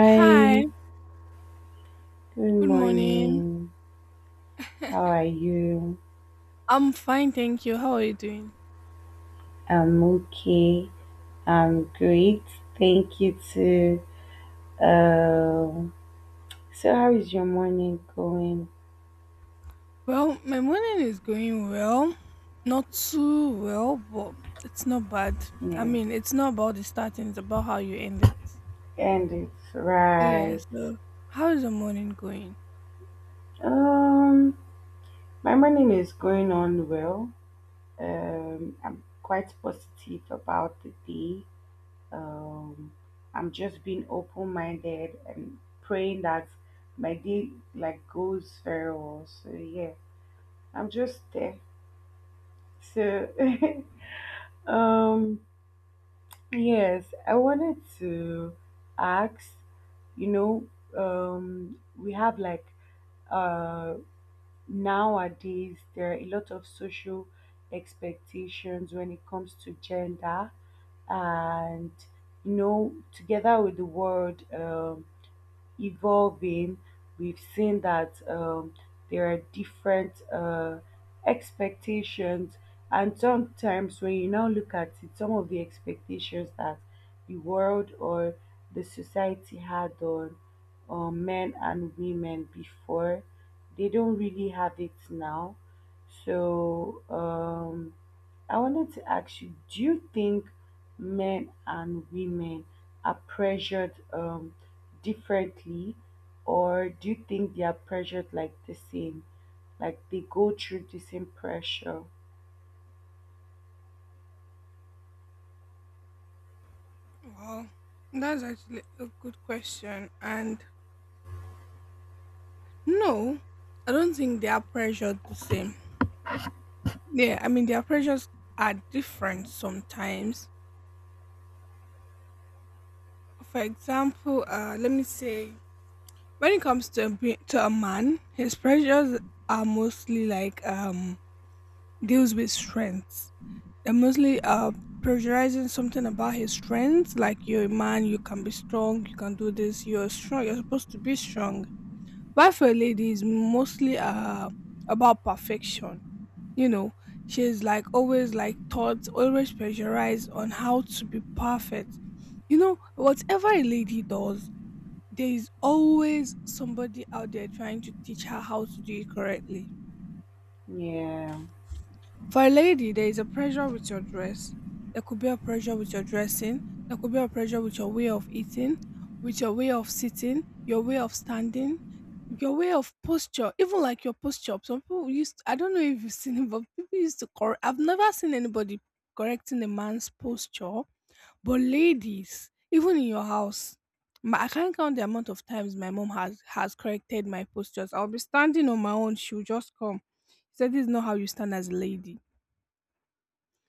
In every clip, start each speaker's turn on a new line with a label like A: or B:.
A: Hi,
B: good
A: good morning.
B: morning. How are you?
A: I'm fine, thank you. How are you doing?
B: I'm okay. I'm great. Thank you too. Um, so how is your morning going?
A: Well, my morning is going well. Not too well, but it's not bad. I
B: Yeah,
A: mean, it's not about the starting, it's about how you end it.
B: and it's
A: Yeah,
B: right.
A: so how is the morning going?
B: Um, my morning is going on well. I'm quite positive about the day. Um, I'm just being open-minded and praying that my day like goes very well. So yeah. I'm just there. So, um, yes, I wanted to ask, you know, we have like uh nowadays there are a lot of social expectations when it comes to gender and you know together with the world evolving, we've seen that there are different expectations, and sometimes when you now look at it, some of the expectations that the world or the society had on men and women before, they don't really have it now. So I wanted to ask you, do you think men and women are pressured differently, or do you think they are pressured like the same? Like they go through the same pressure?
A: Well, that's actually a good question. And no, I don't think they are pressured the same. Yeah, I mean, their pressures are different sometimes. For example, let me say. When it comes to to a man, his pressures are mostly like deals with strengths. They're mostly pressurizing something about his strengths, like you're a man, you can be strong, you can do this, you're strong, you're supposed to be strong. But for a lady, it's mostly about perfection. You know, she's like always like taught, always pressurized on how to be perfect. You know, whatever a lady does, there is always somebody out there trying to teach her how to do it correctly.
B: Yeah.
A: For a lady, there is a pressure with your dress. There could be a pressure with your dressing. There could be a pressure with your way of eating, with your way of sitting, your way of standing, your way of posture, even like your posture. Some people used, I don't know if you've seen it, but people used to correct. I've never seen anybody correcting a man's posture, but ladies, even in your house, I can't count the amount of times my mom has corrected my postures. I'll be standing on my own. She'll just come. She said, "This is not how you stand as a lady."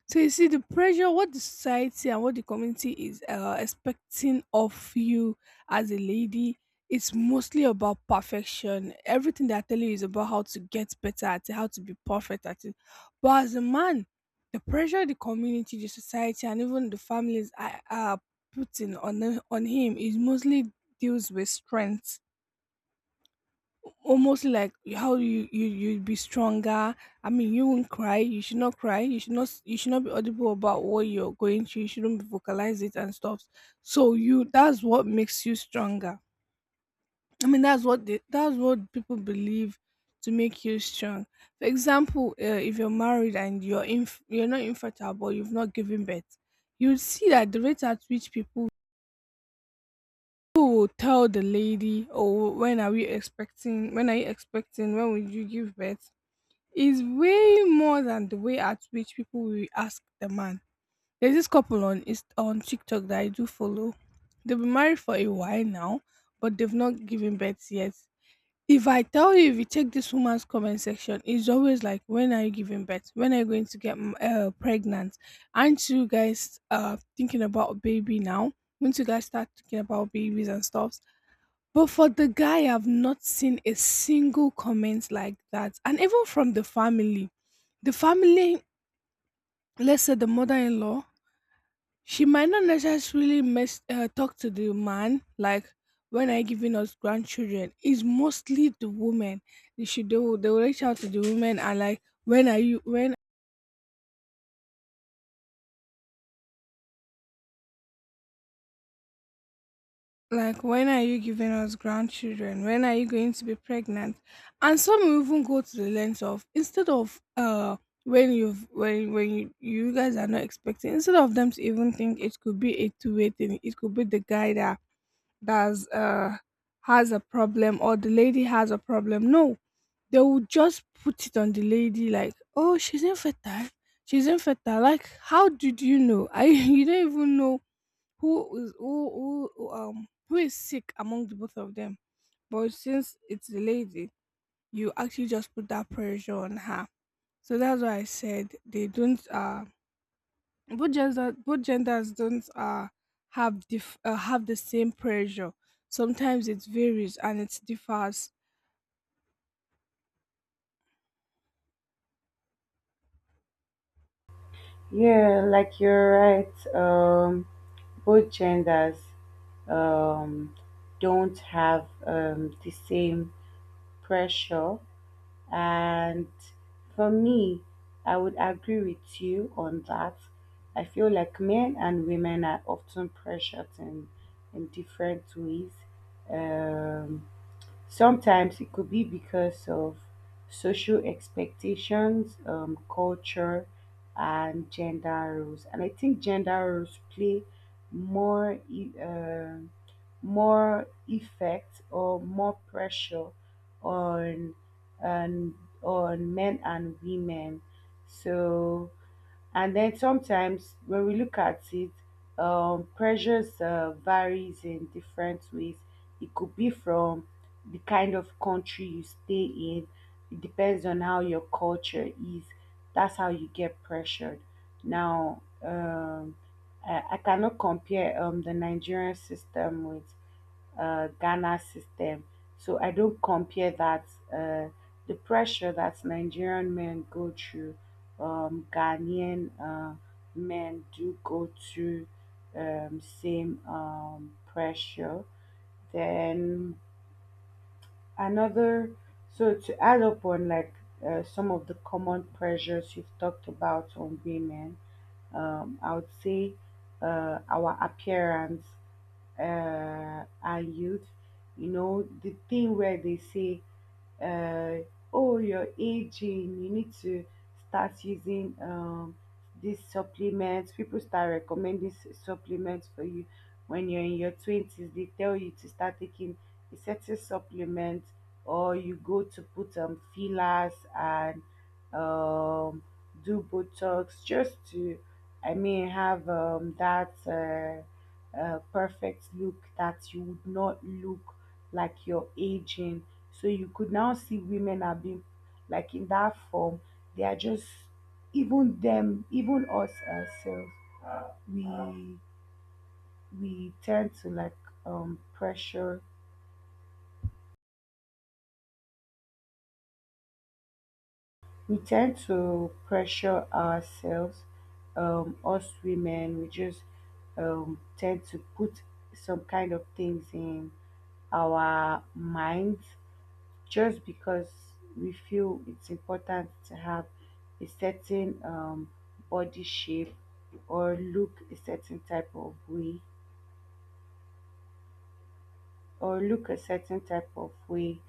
A: So you see the pressure, what the society and what the community is expecting of you as a lady, it's mostly about perfection. Everything they're telling you is about how to get better at it, how to be perfect at it. But as a man, the pressure the community, the society, and even the families are putting on him is mostly deals with strength, almost like how you'd be stronger. I mean, you won't cry. You should not cry. You should not. You should not be audible about what you're going through. You shouldn't vocalize it and stuff. So you. That's what makes you stronger. I mean, that's what they, that's what people believe to make you strong. For example, if you're married and you're not infertile, but you've not given birth, you'll see that the rate at which people will tell the lady, "Oh, when are we expecting? When are you expecting? When will you give birth?" is way more than the way at which people will ask the man. There's this couple on on TikTok that I do follow. They've been married for a while now, but they've not given birth yet. If I tell you, if you check this woman's comment section, it's always like, "When are you giving birth? When are you going to get pregnant? Aren't you guys thinking about baby now? Once you guys start thinking about babies and stuff?" But for the guy, I've not seen a single comment like that. And even from the family, let's say the mother-in-law, she might not necessarily talk to the man like when I giving us grandchildren. It's mostly the woman. They should do. They will reach out to the woman and like, when are you? When. Like, when are you giving us grandchildren? When are you going to be pregnant? And some will even go to the length of, instead of when you've when you guys are not expecting, instead of them to even think it could be a two-way thing, it could be the guy that that's has a problem or the lady has a problem. No, they will just put it on the lady like, oh, she's infertile. She's infertile. Like, how did you know? I you don't even know who is who, who is sick among the both of them. But since it's the lady, you actually just put that pressure on her. So that's why I said they don't both genders don't have the same pressure. Sometimes it varies and it differs.
B: Yeah, like you're right. Both genders um don't have the same pressure. And for me, I would agree with you on that. I feel like men and women are often pressured in different ways. Um, Sometimes it could be because of social expectations, culture, and gender roles. And I think gender roles play more. More effect or more pressure on on on men and women. So, and then sometimes when we look at it, pressures varies in different ways. It could be from the kind of country you stay in. It depends on how your culture is. That's how you get pressured. Now, I cannot compare the Nigerian system with Ghana system. So I don't compare that uh, the pressure that Nigerian men go through, Ghanaian men do go through same pressure. Then another, so to add up on like some of the common pressures you've talked about on women, I would say our appearance and youth. You know, the thing where they say, uh, oh, you're aging, you need to start using these supplements. People start recommending supplements for you when you're in your 20s. They tell you to start taking a certain supplement, or you go to put fillers and um, do Botox just to, I mean, have that perfect look, that you would not look like you're aging. So you could now see women are being like in that form. They are just even them, even us ourselves. We we tend to like pressure We tend to pressure ourselves, us women, we just tend to put some kind of things in our minds just because we feel it's important to have a certain body shape or look a certain type of way or look a certain type of way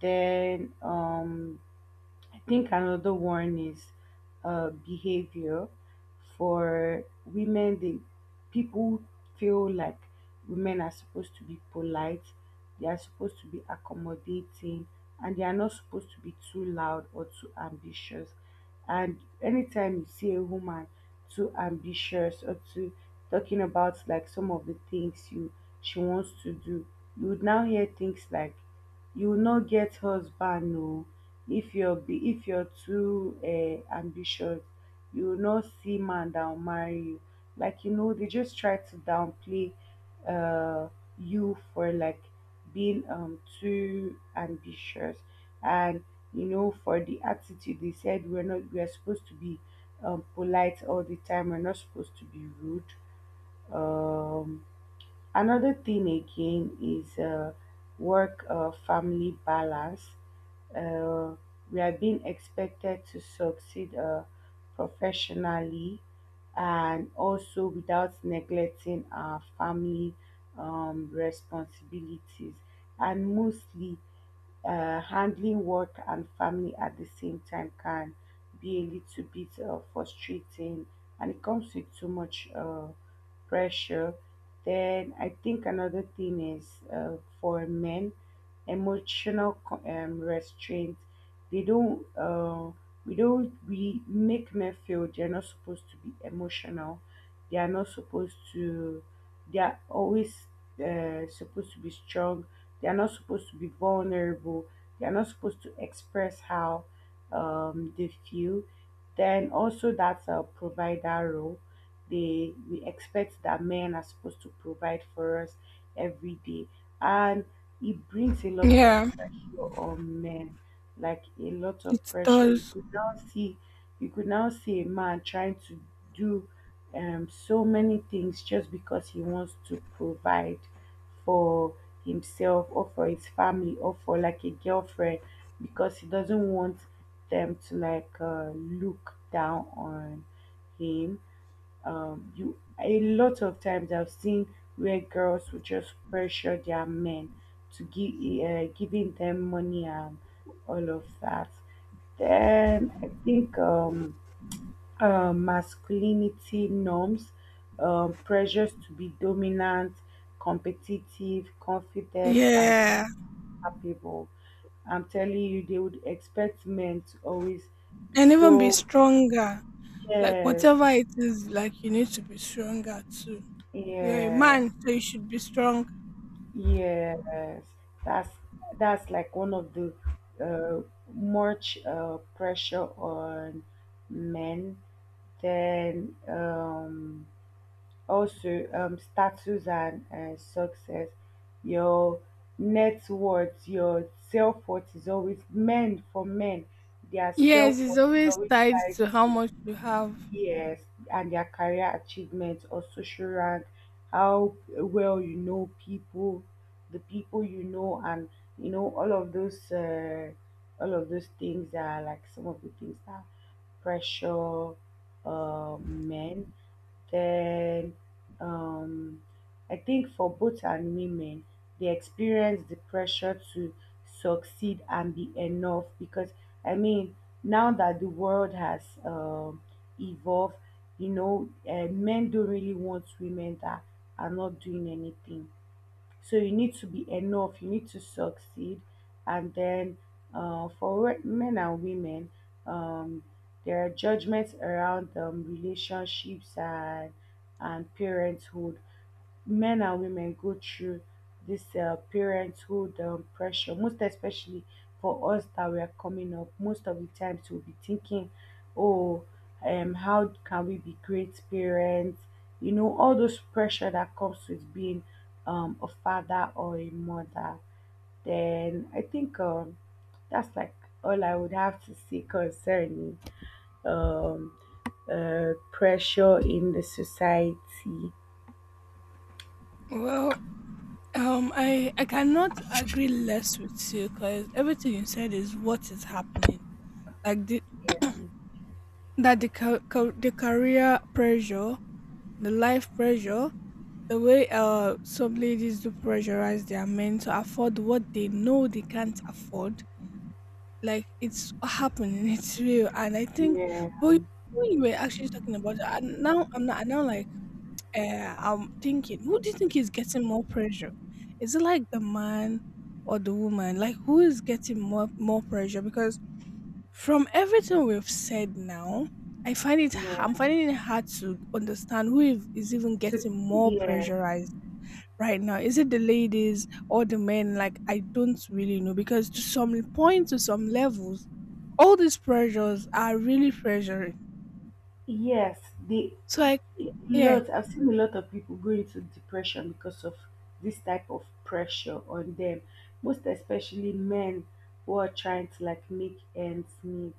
B: then I think another one is behavior for women. They People feel like women are supposed to be polite, they are supposed to be accommodating, and they are not supposed to be too loud or too ambitious. And anytime you see a woman too ambitious or too talking about like some of the things you she wants to do, you would now hear things like you will not get husband, no, if you're too ambitious, you will not see man that will marry you, like you know they just try to downplay uh you for like being too ambitious. And you know for the attitude, they said we're not we're supposed to be polite all the time, we're not supposed to be rude. um Another thing again is work, family balance. Uh, we are being expected to succeed professionally and also without neglecting our family responsibilities, and mostly handling work and family at the same time can be a little bit frustrating, and it comes with too much pressure. Then I think another thing is, for men, emotional restraint. They don't. We don't. We make men feel they're not supposed to be emotional. They are not supposed to. They are always supposed to be strong. They are not supposed to be vulnerable. They are not supposed to express how they feel. Then also, that's a provider role. They we expect that men are supposed to provide for us every day, and it brings a lot of
A: Yeah,
B: pressure on men, like a lot of
A: it
B: pressure. you
A: does.
B: could now see you could now see a man trying to do so many things just because he wants to provide for himself, or for his family, or for like a girlfriend, because he doesn't want them to like look down on him. You A lot of times I've seen where girls would just pressure their men to give giving them money and all of that. Then I think masculinity norms, pressures to be dominant, competitive, confident, and
A: Yeah,
B: capable. I'm telling you, they would expect men to always be
A: and even be
B: so,
A: stronger. Like
B: yes,
A: whatever it is, like you need to be stronger too. You're a
B: yeah.
A: man, so you should be strong.
B: Yes, that's that's like one of the uh, much pressure on men. Then also status and success, your net worth, your self worth is always men for men. Their
A: Yes,
B: self
A: it's
B: worth is
A: always
B: always
A: tied
B: tied,
A: to how much you have.
B: yes, and their career achievements or social rank, how well you know people, the people you know, and you know all of those things are like some of the things that pressure men. Then um, I think for both and women, they experience the pressure to succeed and be enough, because I mean now that the world has evolve, you know men don't really want women that are not doing anything, so you need to be enough, you need to succeed. And then for men and women, um, there are judgments around relationships and parenthood. Men and women go through this parenthood pressure, most especially for us that we are coming up. Most of the times we'll be thinking, oh, how can we be great parents? You know, all those pressure that comes with being a father or a mother. Then I think that's like all I would have to say concerning um, pressure in the society.
A: Well, I cannot agree less with you because everything you said is what is happening. Like the that the ca- ca- the career pressure, the life pressure, the way some ladies do pressurize their men to afford what they know they can't afford. Like it's happening, it's real, and I think.
B: Yeah,
A: But when you were actually talking about that, and now I'm not. I now like. I'm thinking, who do you think is getting more pressure? Is it like the man or the woman? Like, who is getting more pressure? Because from everything we've said now, I find it I'm
B: yeah.
A: finding it hard to understand who is even
B: To
A: getting more
B: yeah,
A: pressurized right now. Is it the ladies or the men? Like, I don't really know because to some point, to some levels, all these pressures are really pressuring.
B: yes, they,
A: So, like, yeah,
B: lot, I've seen a lot of people go into depression because of this type of pressure on them, most especially men, who are trying to like make ends meet.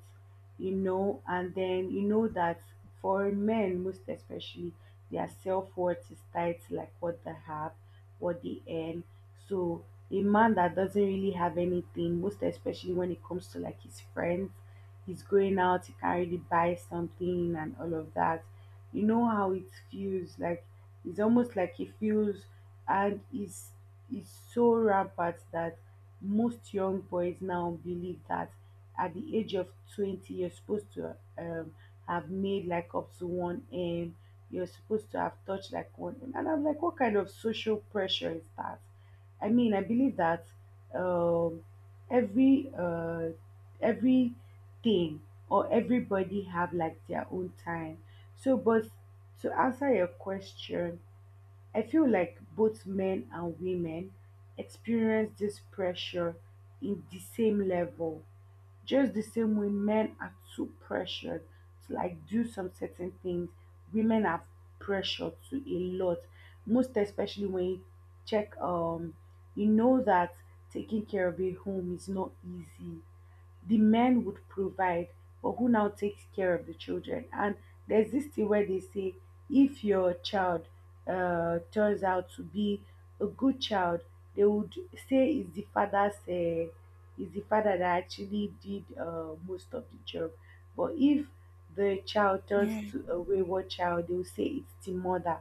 B: You know, and then you know that for men most especially, their self-worth is tied to like what they have, what they earn. So a man that doesn't really have anything, most especially when it comes to like his friends, he's going out, he can really buy something and all of that. You know how it feels like, it's almost like he feels, and it's so rampant that most young boys now believe that at the age of 20 you're supposed to have made like up to 1 m. You're supposed to have touched like 1 m. And I'm like, what kind of social pressure is that? I mean, I believe that um, every uh, every thing or everybody have like their own time. So, but to answer your question, I feel like both men and women experience this pressure in the same level. Just the same way men are too pressured to like do some certain things, women are pressured to a lot. Most especially when you check, you know that taking care of a home is not easy. The men would provide, but who now takes care of the children? And there's this thing where they say if your child turns out to be a good child, they would say it's the father's, it's the father that actually did most of the job. But if the child turns
A: yeah,
B: to a wayward child, they will say it's the mother.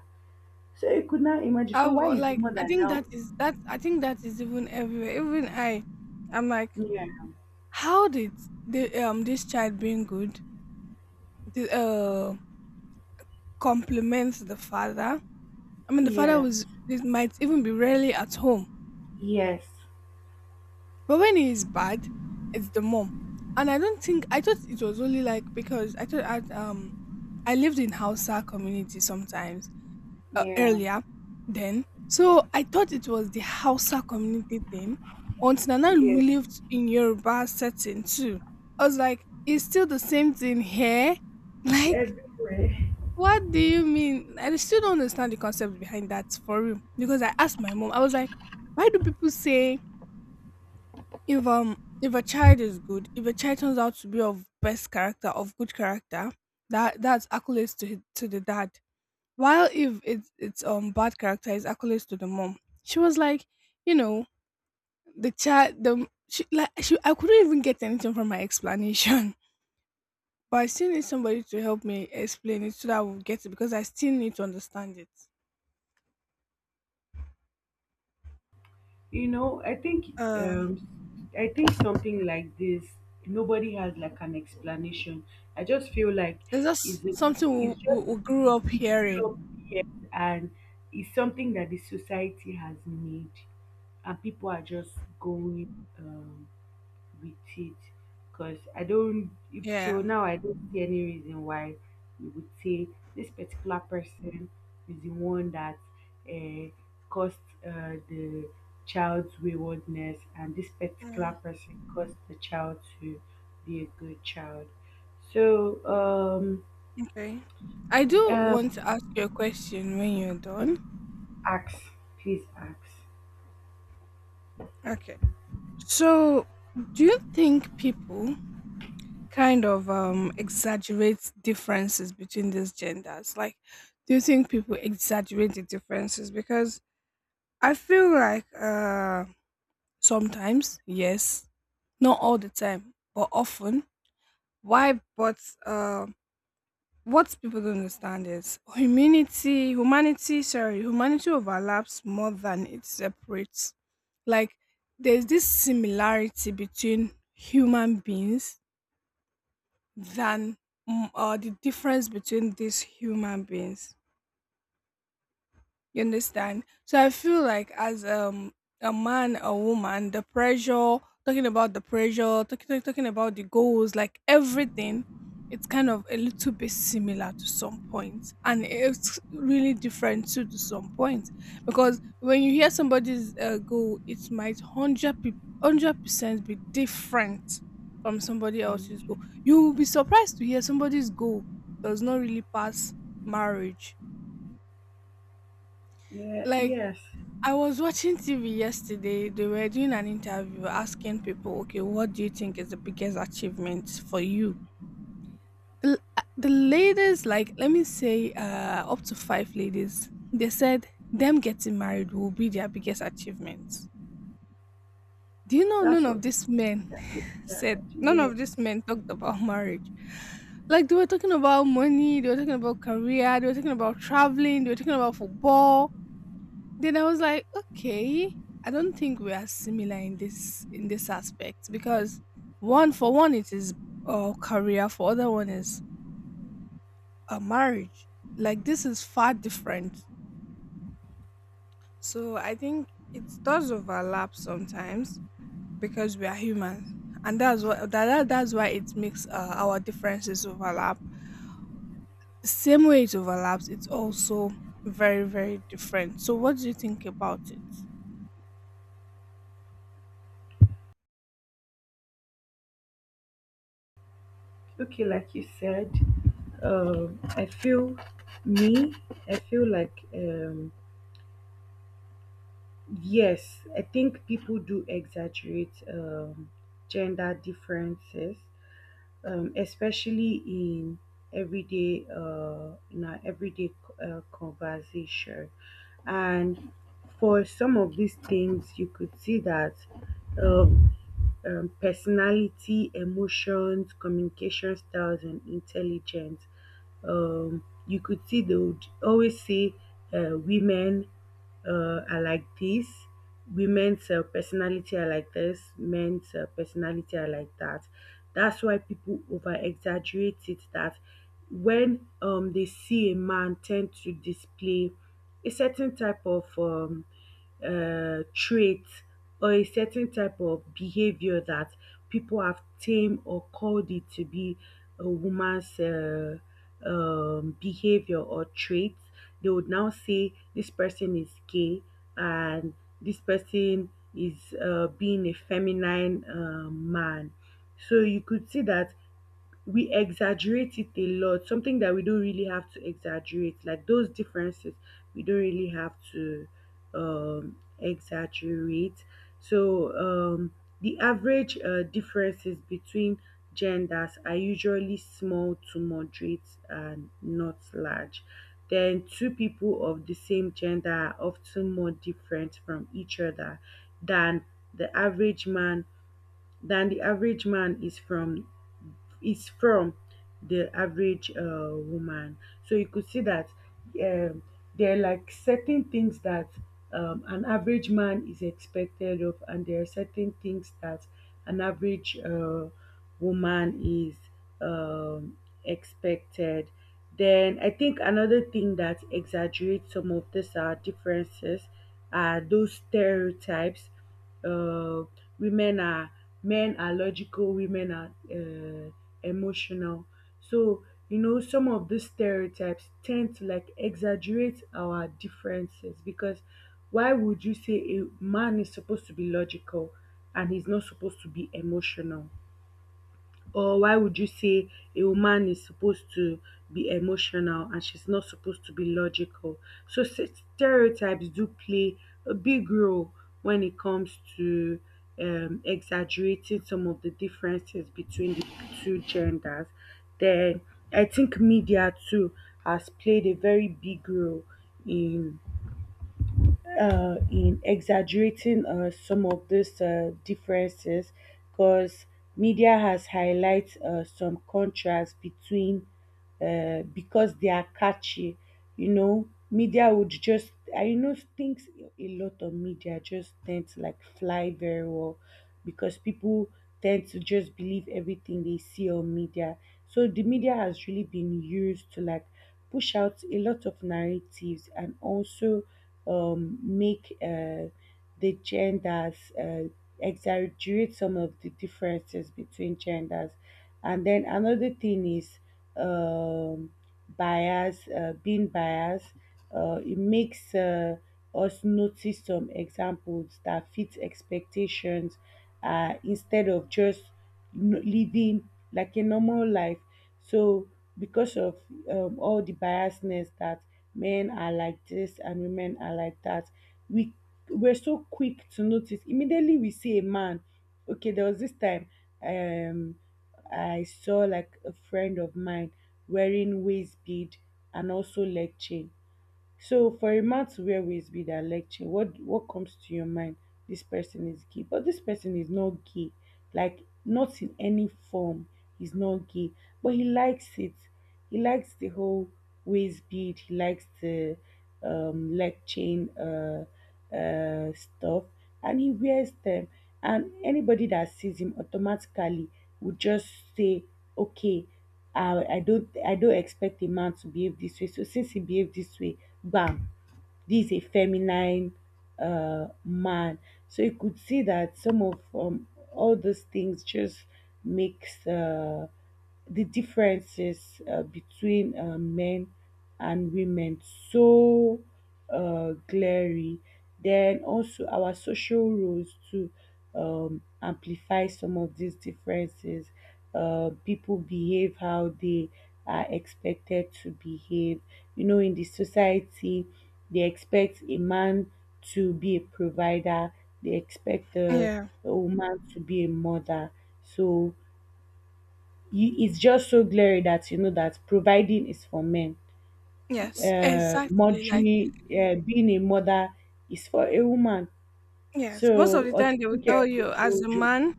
B: So you could now imagine. So
A: I've
B: why is the
A: like I
B: mother
A: think
B: now?
A: that is that I think that is even everywhere. Even I, I'm like,
B: Yeah.
A: how did the this child being good, the, uh compliments the father? I mean, the father
B: Yes.
A: was it might even be rarely at home,
B: Yes.
A: but when he is bad, it's the mom. And I don't think I thought it was only like, because I thought I lived in Hausa community sometimes,
B: Yeah.
A: earlier then. So I thought it was the Hausa community thing. Until Nana
B: Yeah.
A: lived in Yoruba setting too. I was like, it's still the same thing here.
B: It's
A: Like,
B: everywhere.
A: what do you mean? I still don't understand the concept behind that for real. Because I asked my mom, I was like, why do people say, if a child is good, if a child turns out to be of best character, of good character, that that's accolades to the dad. While if it's bad character is accolades to the mom, she was like, you know, the child the she like she I couldn't even get anything from my explanation. But I still need somebody to help me explain it so that I will get it because I still need to understand it.
B: You know, I think
A: Uh,
B: I think something like this, nobody has like an explanation. I just feel like
A: it's just
B: it's a,
A: something we,
B: it's
A: we,
B: just
A: we grew up
B: we
A: hearing.
B: grew up here, and it's something that the society has made, and people are just going with it, because I don't, if till
A: Yeah.
B: now I don't see any reason why you would say this particular person is the one that uh, caused the child's waywardness, and this
A: Yeah.
B: particular person caused the child to be a good child. So
A: Okay. I do
B: uh,
A: want to ask you a question when you're done.
B: ask, please ask.
A: Okay. So, do you think people kind of exaggerate differences between these genders, like do you think people exaggerate the differences? Because I feel like sometimes yes, not all the time but often. Why? But uh what people don't understand is humanity overlaps more than it separates. Like, there's this similarity between human beings than the difference between these human beings. You understand? So I feel like as a man, a woman, the pressure, talking about the pressure, talking about the goals, like everything, it's kind of a little bit similar to some points, and it's really different too to some points. Because when you hear somebody's goal, it might hundred percent be different from somebody else's goal.
B: Mm.
A: You will be surprised to hear somebody's goal does not really pass marriage,
B: Yeah,
A: like
B: yes,
A: I was watching TV yesterday. They were doing an interview asking people, okay, what do you think is the biggest achievement for you? The ladies, like, let me say, up to five ladies, they said them getting married will be their biggest achievement. Do you know none
B: that's what
A: of these
B: I would
A: men
B: think. I
A: said,
B: that,
A: none
B: yes.
A: of these men talked about marriage? Like, they were talking about money, they were talking about career, they were talking about traveling, they were talking about football. Then I was like, okay, I don't think we are similar in this aspect, because one for one it is career, for other one is a marriage. Like this is far different. So I think it does overlap sometimes because we are human, and that's what that's why it makes our differences overlap. The same way it overlaps, it's also very very different. So what do you think about it?
B: Okay, like you said um i feel me I feel like yes, I think people do exaggerate gender differences, especially in everyday in our everyday conversation. And for some of these things, you could see that um, personality, emotions, communication styles, and intelligence. You could see they would always say women are like this, women's personality are like this, men's personality are like that. That's why people over exaggerate it, that when they see a man tend to display a certain type of trait or a certain type of behavior that people have tamed or called it to be a woman's behavior or traits, they would now say this person is gay and this person is being a feminine man. So you could see that we exaggerate it a lot, something that we don't really have to exaggerate, like those differences we don't really have to exaggerate. So the average differences between genders are usually small to moderate and not large. Then two people of the same gender are often more different from each other than the average man the average man is from the average woman. So you could see that um, there are like certain things that an average man is expected of, and there are certain things that an average woman is um, expected. Then I think another thing that exaggerates some of these differences are those stereotypes. uh, Women are, men are logical, women are emotional. So, you know, some of these stereotypes tend to like exaggerate our differences, because why would you say a man is supposed to be logical and he's not supposed to be emotional? Or why would you say a woman is supposed to be emotional and she's not supposed to be logical? So s- Stereotypes do play a big role when it comes to exaggerating some of the differences between the two genders. Then I think media too has played a very big role in exaggerating some of these differences, because media has highlighted some contrast between, because they are catchy. You know, media would just I you know things, a lot of media just tend to like fly very well because people tend to just believe everything they see on media. So the media has really been used to like push out a lot of narratives and also make the genders exaggerate some of the differences between genders. And then another thing is um, bias, being biased. It makes us notice some examples that fit expectations instead of just living like a normal life. So, because of all the biasness that men are like this and women are like that, we we're so quick to notice. Immediately we see a man. Okay, there was this time um, I saw like a friend of mine wearing waist bead and also leg chain. So for a man to wear waist bead and leg chain, what comes to your mind? This person is gay, but this person is not gay. Like not in any form, he's not gay, but he likes it. He likes the whole waist bead. He likes the leg chain stuff, and he wears them. And anybody that sees him automatically would just say, "Okay, I don't expect a man to behave this way. So since he behaved this way, bam, this is a feminine man." So you could see that some of all those things just makes the differences between men and women so glaring. Then also our social roles to amplify some of these differences. People behave how they are expected to behave. You know, in the society, they expect a man to be a provider. They expect a,
A: Yeah.
B: a woman to be a mother. So you, it's just so glaring that you know that providing is for men,
A: Yes. Exactly. Like.
B: mothering, being a mother is for a woman.
A: Yes, most of
B: So,
A: the
B: or
A: time they will
B: taking care
A: tell
B: of the
A: you as a
B: children.
A: man,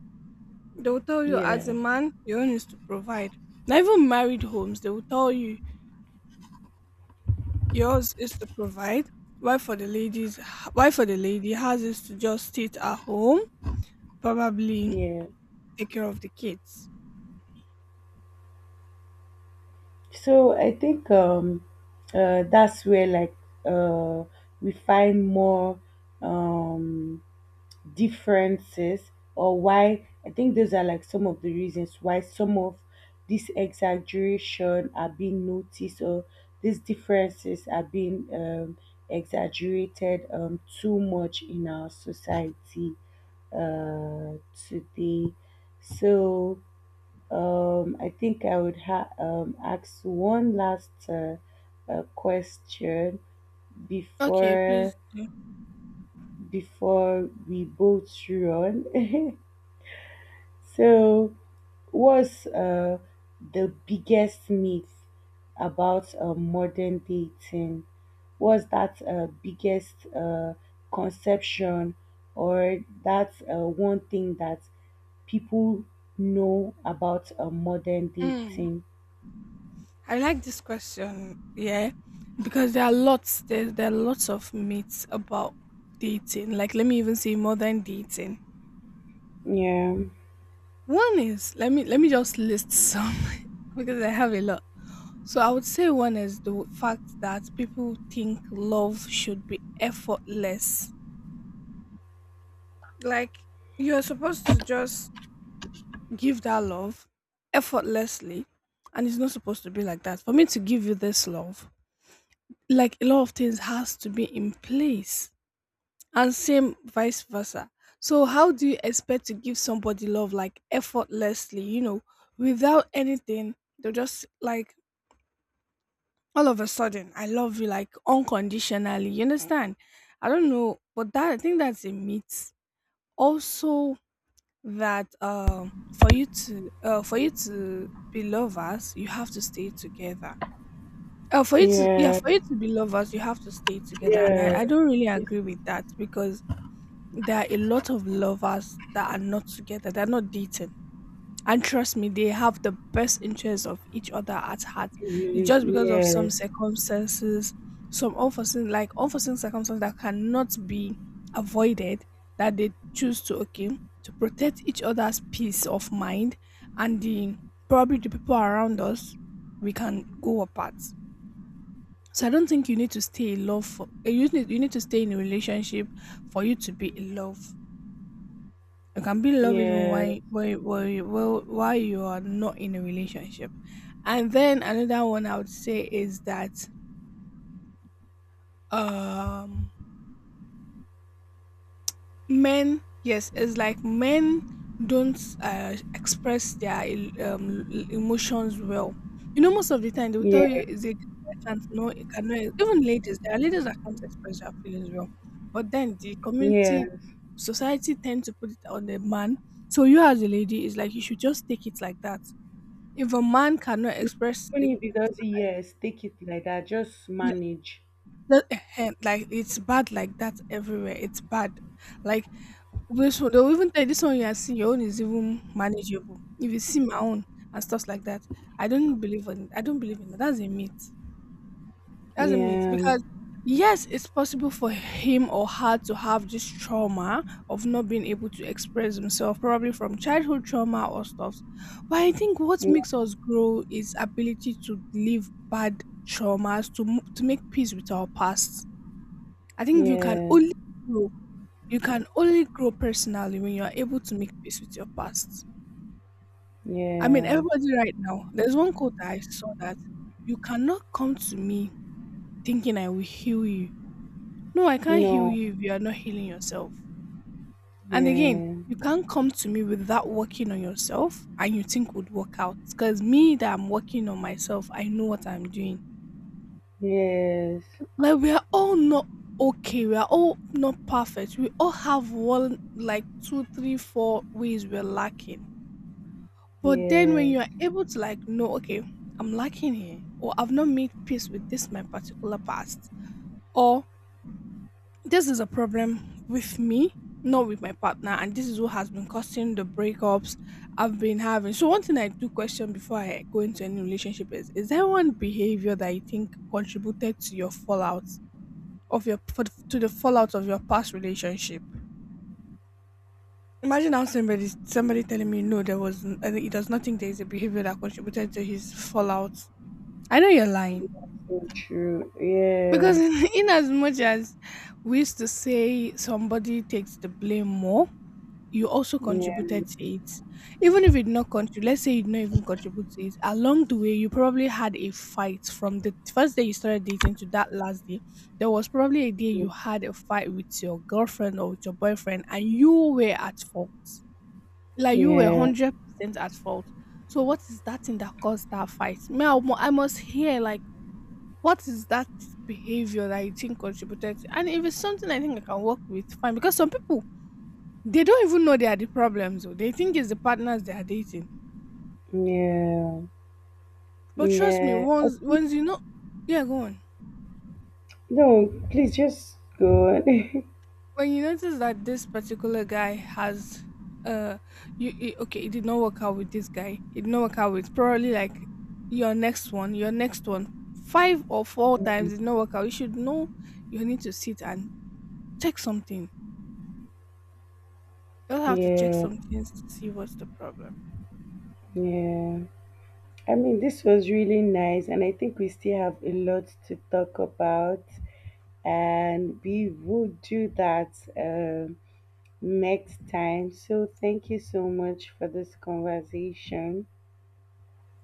A: they will tell you as a
B: Yeah,
A: man, your own is to provide. Now even married homes, they will tell you yours is to provide. Why for the ladies why for the lady has is to just sit at home, probably
B: yeah.
A: take care of the kids.
B: So I think that's where like uh, we find more um, differences, or why I think those are like some of the reasons why some of this exaggeration are being noticed, or these differences are being exaggerated too much in our society uh, today. So I think I would ask one last question
A: Okay, please
B: before
A: do.
B: before we both run. So, what's the biggest myth about modern dating? What's that biggest conception, or that one thing that people know about modern
A: Mm.
B: dating?
A: I like this question, yeah, because there are lots of myths about dating. Like let me even say modern dating.
B: Yeah,
A: One is let me just list some because I have a lot. So I would say one is the fact that people think love should be effortless. Like you're supposed to just give that love effortlessly, and it's not supposed to be like that. For me to give you this love, like a lot of things has to be in place and same vice versa. So how do you expect to give somebody love like effortlessly, without anything? They'll just like all of a sudden I love you like unconditionally. You understand? I don't know, but that I think that's a myth. Also, that for you to be lovers, you have to stay together. For you to yeah,
B: yeah,
A: for you to be lovers, you have to stay together, and I
B: yeah.
A: don't really
B: It's
A: agree with that, because there are a lot of lovers that are not together. They're not dating, and trust me, they have the best interests of each other at heart. It's
B: really,
A: just because of some
B: yes,
A: circumstances, some unforeseen, like unforeseen circumstances that cannot be avoided, that they choose to, okay, to protect each other's peace of mind and the probably the people around us, we can go apart. So I don't think you need to stay in love. For, you need to stay in a relationship for you to be in love. You can be loved even
B: yeah,
A: while you are not in a relationship. And then another one I would say is that um men, yes, it's like men don't express their emotions well. You know, most of the time they will tell
B: yeah,
A: you is it I can't no it cannot even ladies there are ladies that can't express their feelings well. But then the
B: yeah.
A: community society tend to put it on the man. So you as a lady is like you should just take it like that. If a man cannot express
B: Even
A: it,
B: if it doesn't, yes, take it like that. Just
A: yeah,
B: manage.
A: like it's bad like that everywhere. It's bad. Like this one, they'll even tell you, this one you are seeing, your own is even manageable. If you see my own and stuff like that, I don't believe in. I don't believe in that. That's a myth. That's a myth
B: Yeah,
A: because yes, it's possible for him or her to have this trauma of not being able to express himself, probably from childhood trauma or stuff. But I think what
B: yeah,
A: makes us grow is ability to leave bad traumas to to make peace with our past. I think you can
B: yeah,
A: only grow. You can only grow personally when you are able to make peace with your past. I mean,
B: yeah.
A: everybody right now. There's one quote that I saw that you cannot come to me thinking I will heal you. No, I can't heal
B: No,
A: you if you are not healing yourself. And again,
B: yeah,
A: you can't come to me without working on yourself and you think would work out. Because me that I'm working on myself, I know what I'm doing.
B: yes,
A: Like we are all not okay. We are all not perfect. We all have one like two, three, four ways we're lacking. But then when
B: yes,
A: you are able to like know, okay, I'm lacking here, or I've not made peace with this my particular past. Or this is a problem with me, not with my partner, and this is what has been causing the breakups I've been having. So, one thing I do question before I go into any relationship is: is there one behavior that you think contributed to your fallout of your to the fallout of your past relationship? Imagine how somebody telling me no, and it does nothing. There is a behavior that contributed to his fallout. I know you're lying
B: so true. Yeah,
A: because in as much as we used to say somebody takes the blame more, you also
B: yeah,
A: contributed to it. Even if you did not contribute, let's say you did not even contribute to it, along the way, you probably had a fight from the first day you started dating to that last day. There was probably a day you had a fight with your girlfriend or with your boyfriend, and you were at fault. Like you were
B: yeah,
A: 100% at fault. So, what is that thing that caused that fight? Me, I must hear, like, what is that behavior that you think contributed to? And if it's something I think I can work with, fine. Because some people they don't even know they are the problems. Though. They think it's the partners they are dating.
B: yeah,
A: But trust me,
B: yeah.
A: once once you know, yeah, go on.
B: No, please just go on.
A: When you notice that this particular guy has, uh, you it, okay, it did not work out with this guy. It did not work out with probably like your next one, five or four times it did not work out. You should know you need to sit and check something. You'll have to check
B: Yeah,
A: some things to see what's the problem.
B: yeah. I mean, this was really nice, and I think we still have a lot to talk about, and we will do that. Next time. So, thank you so much for this conversation.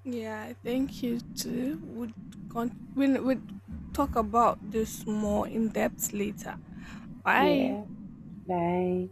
A: Yeah, I think you too would we will talk about this more in depth later. Bye.
B: Yeah, bye.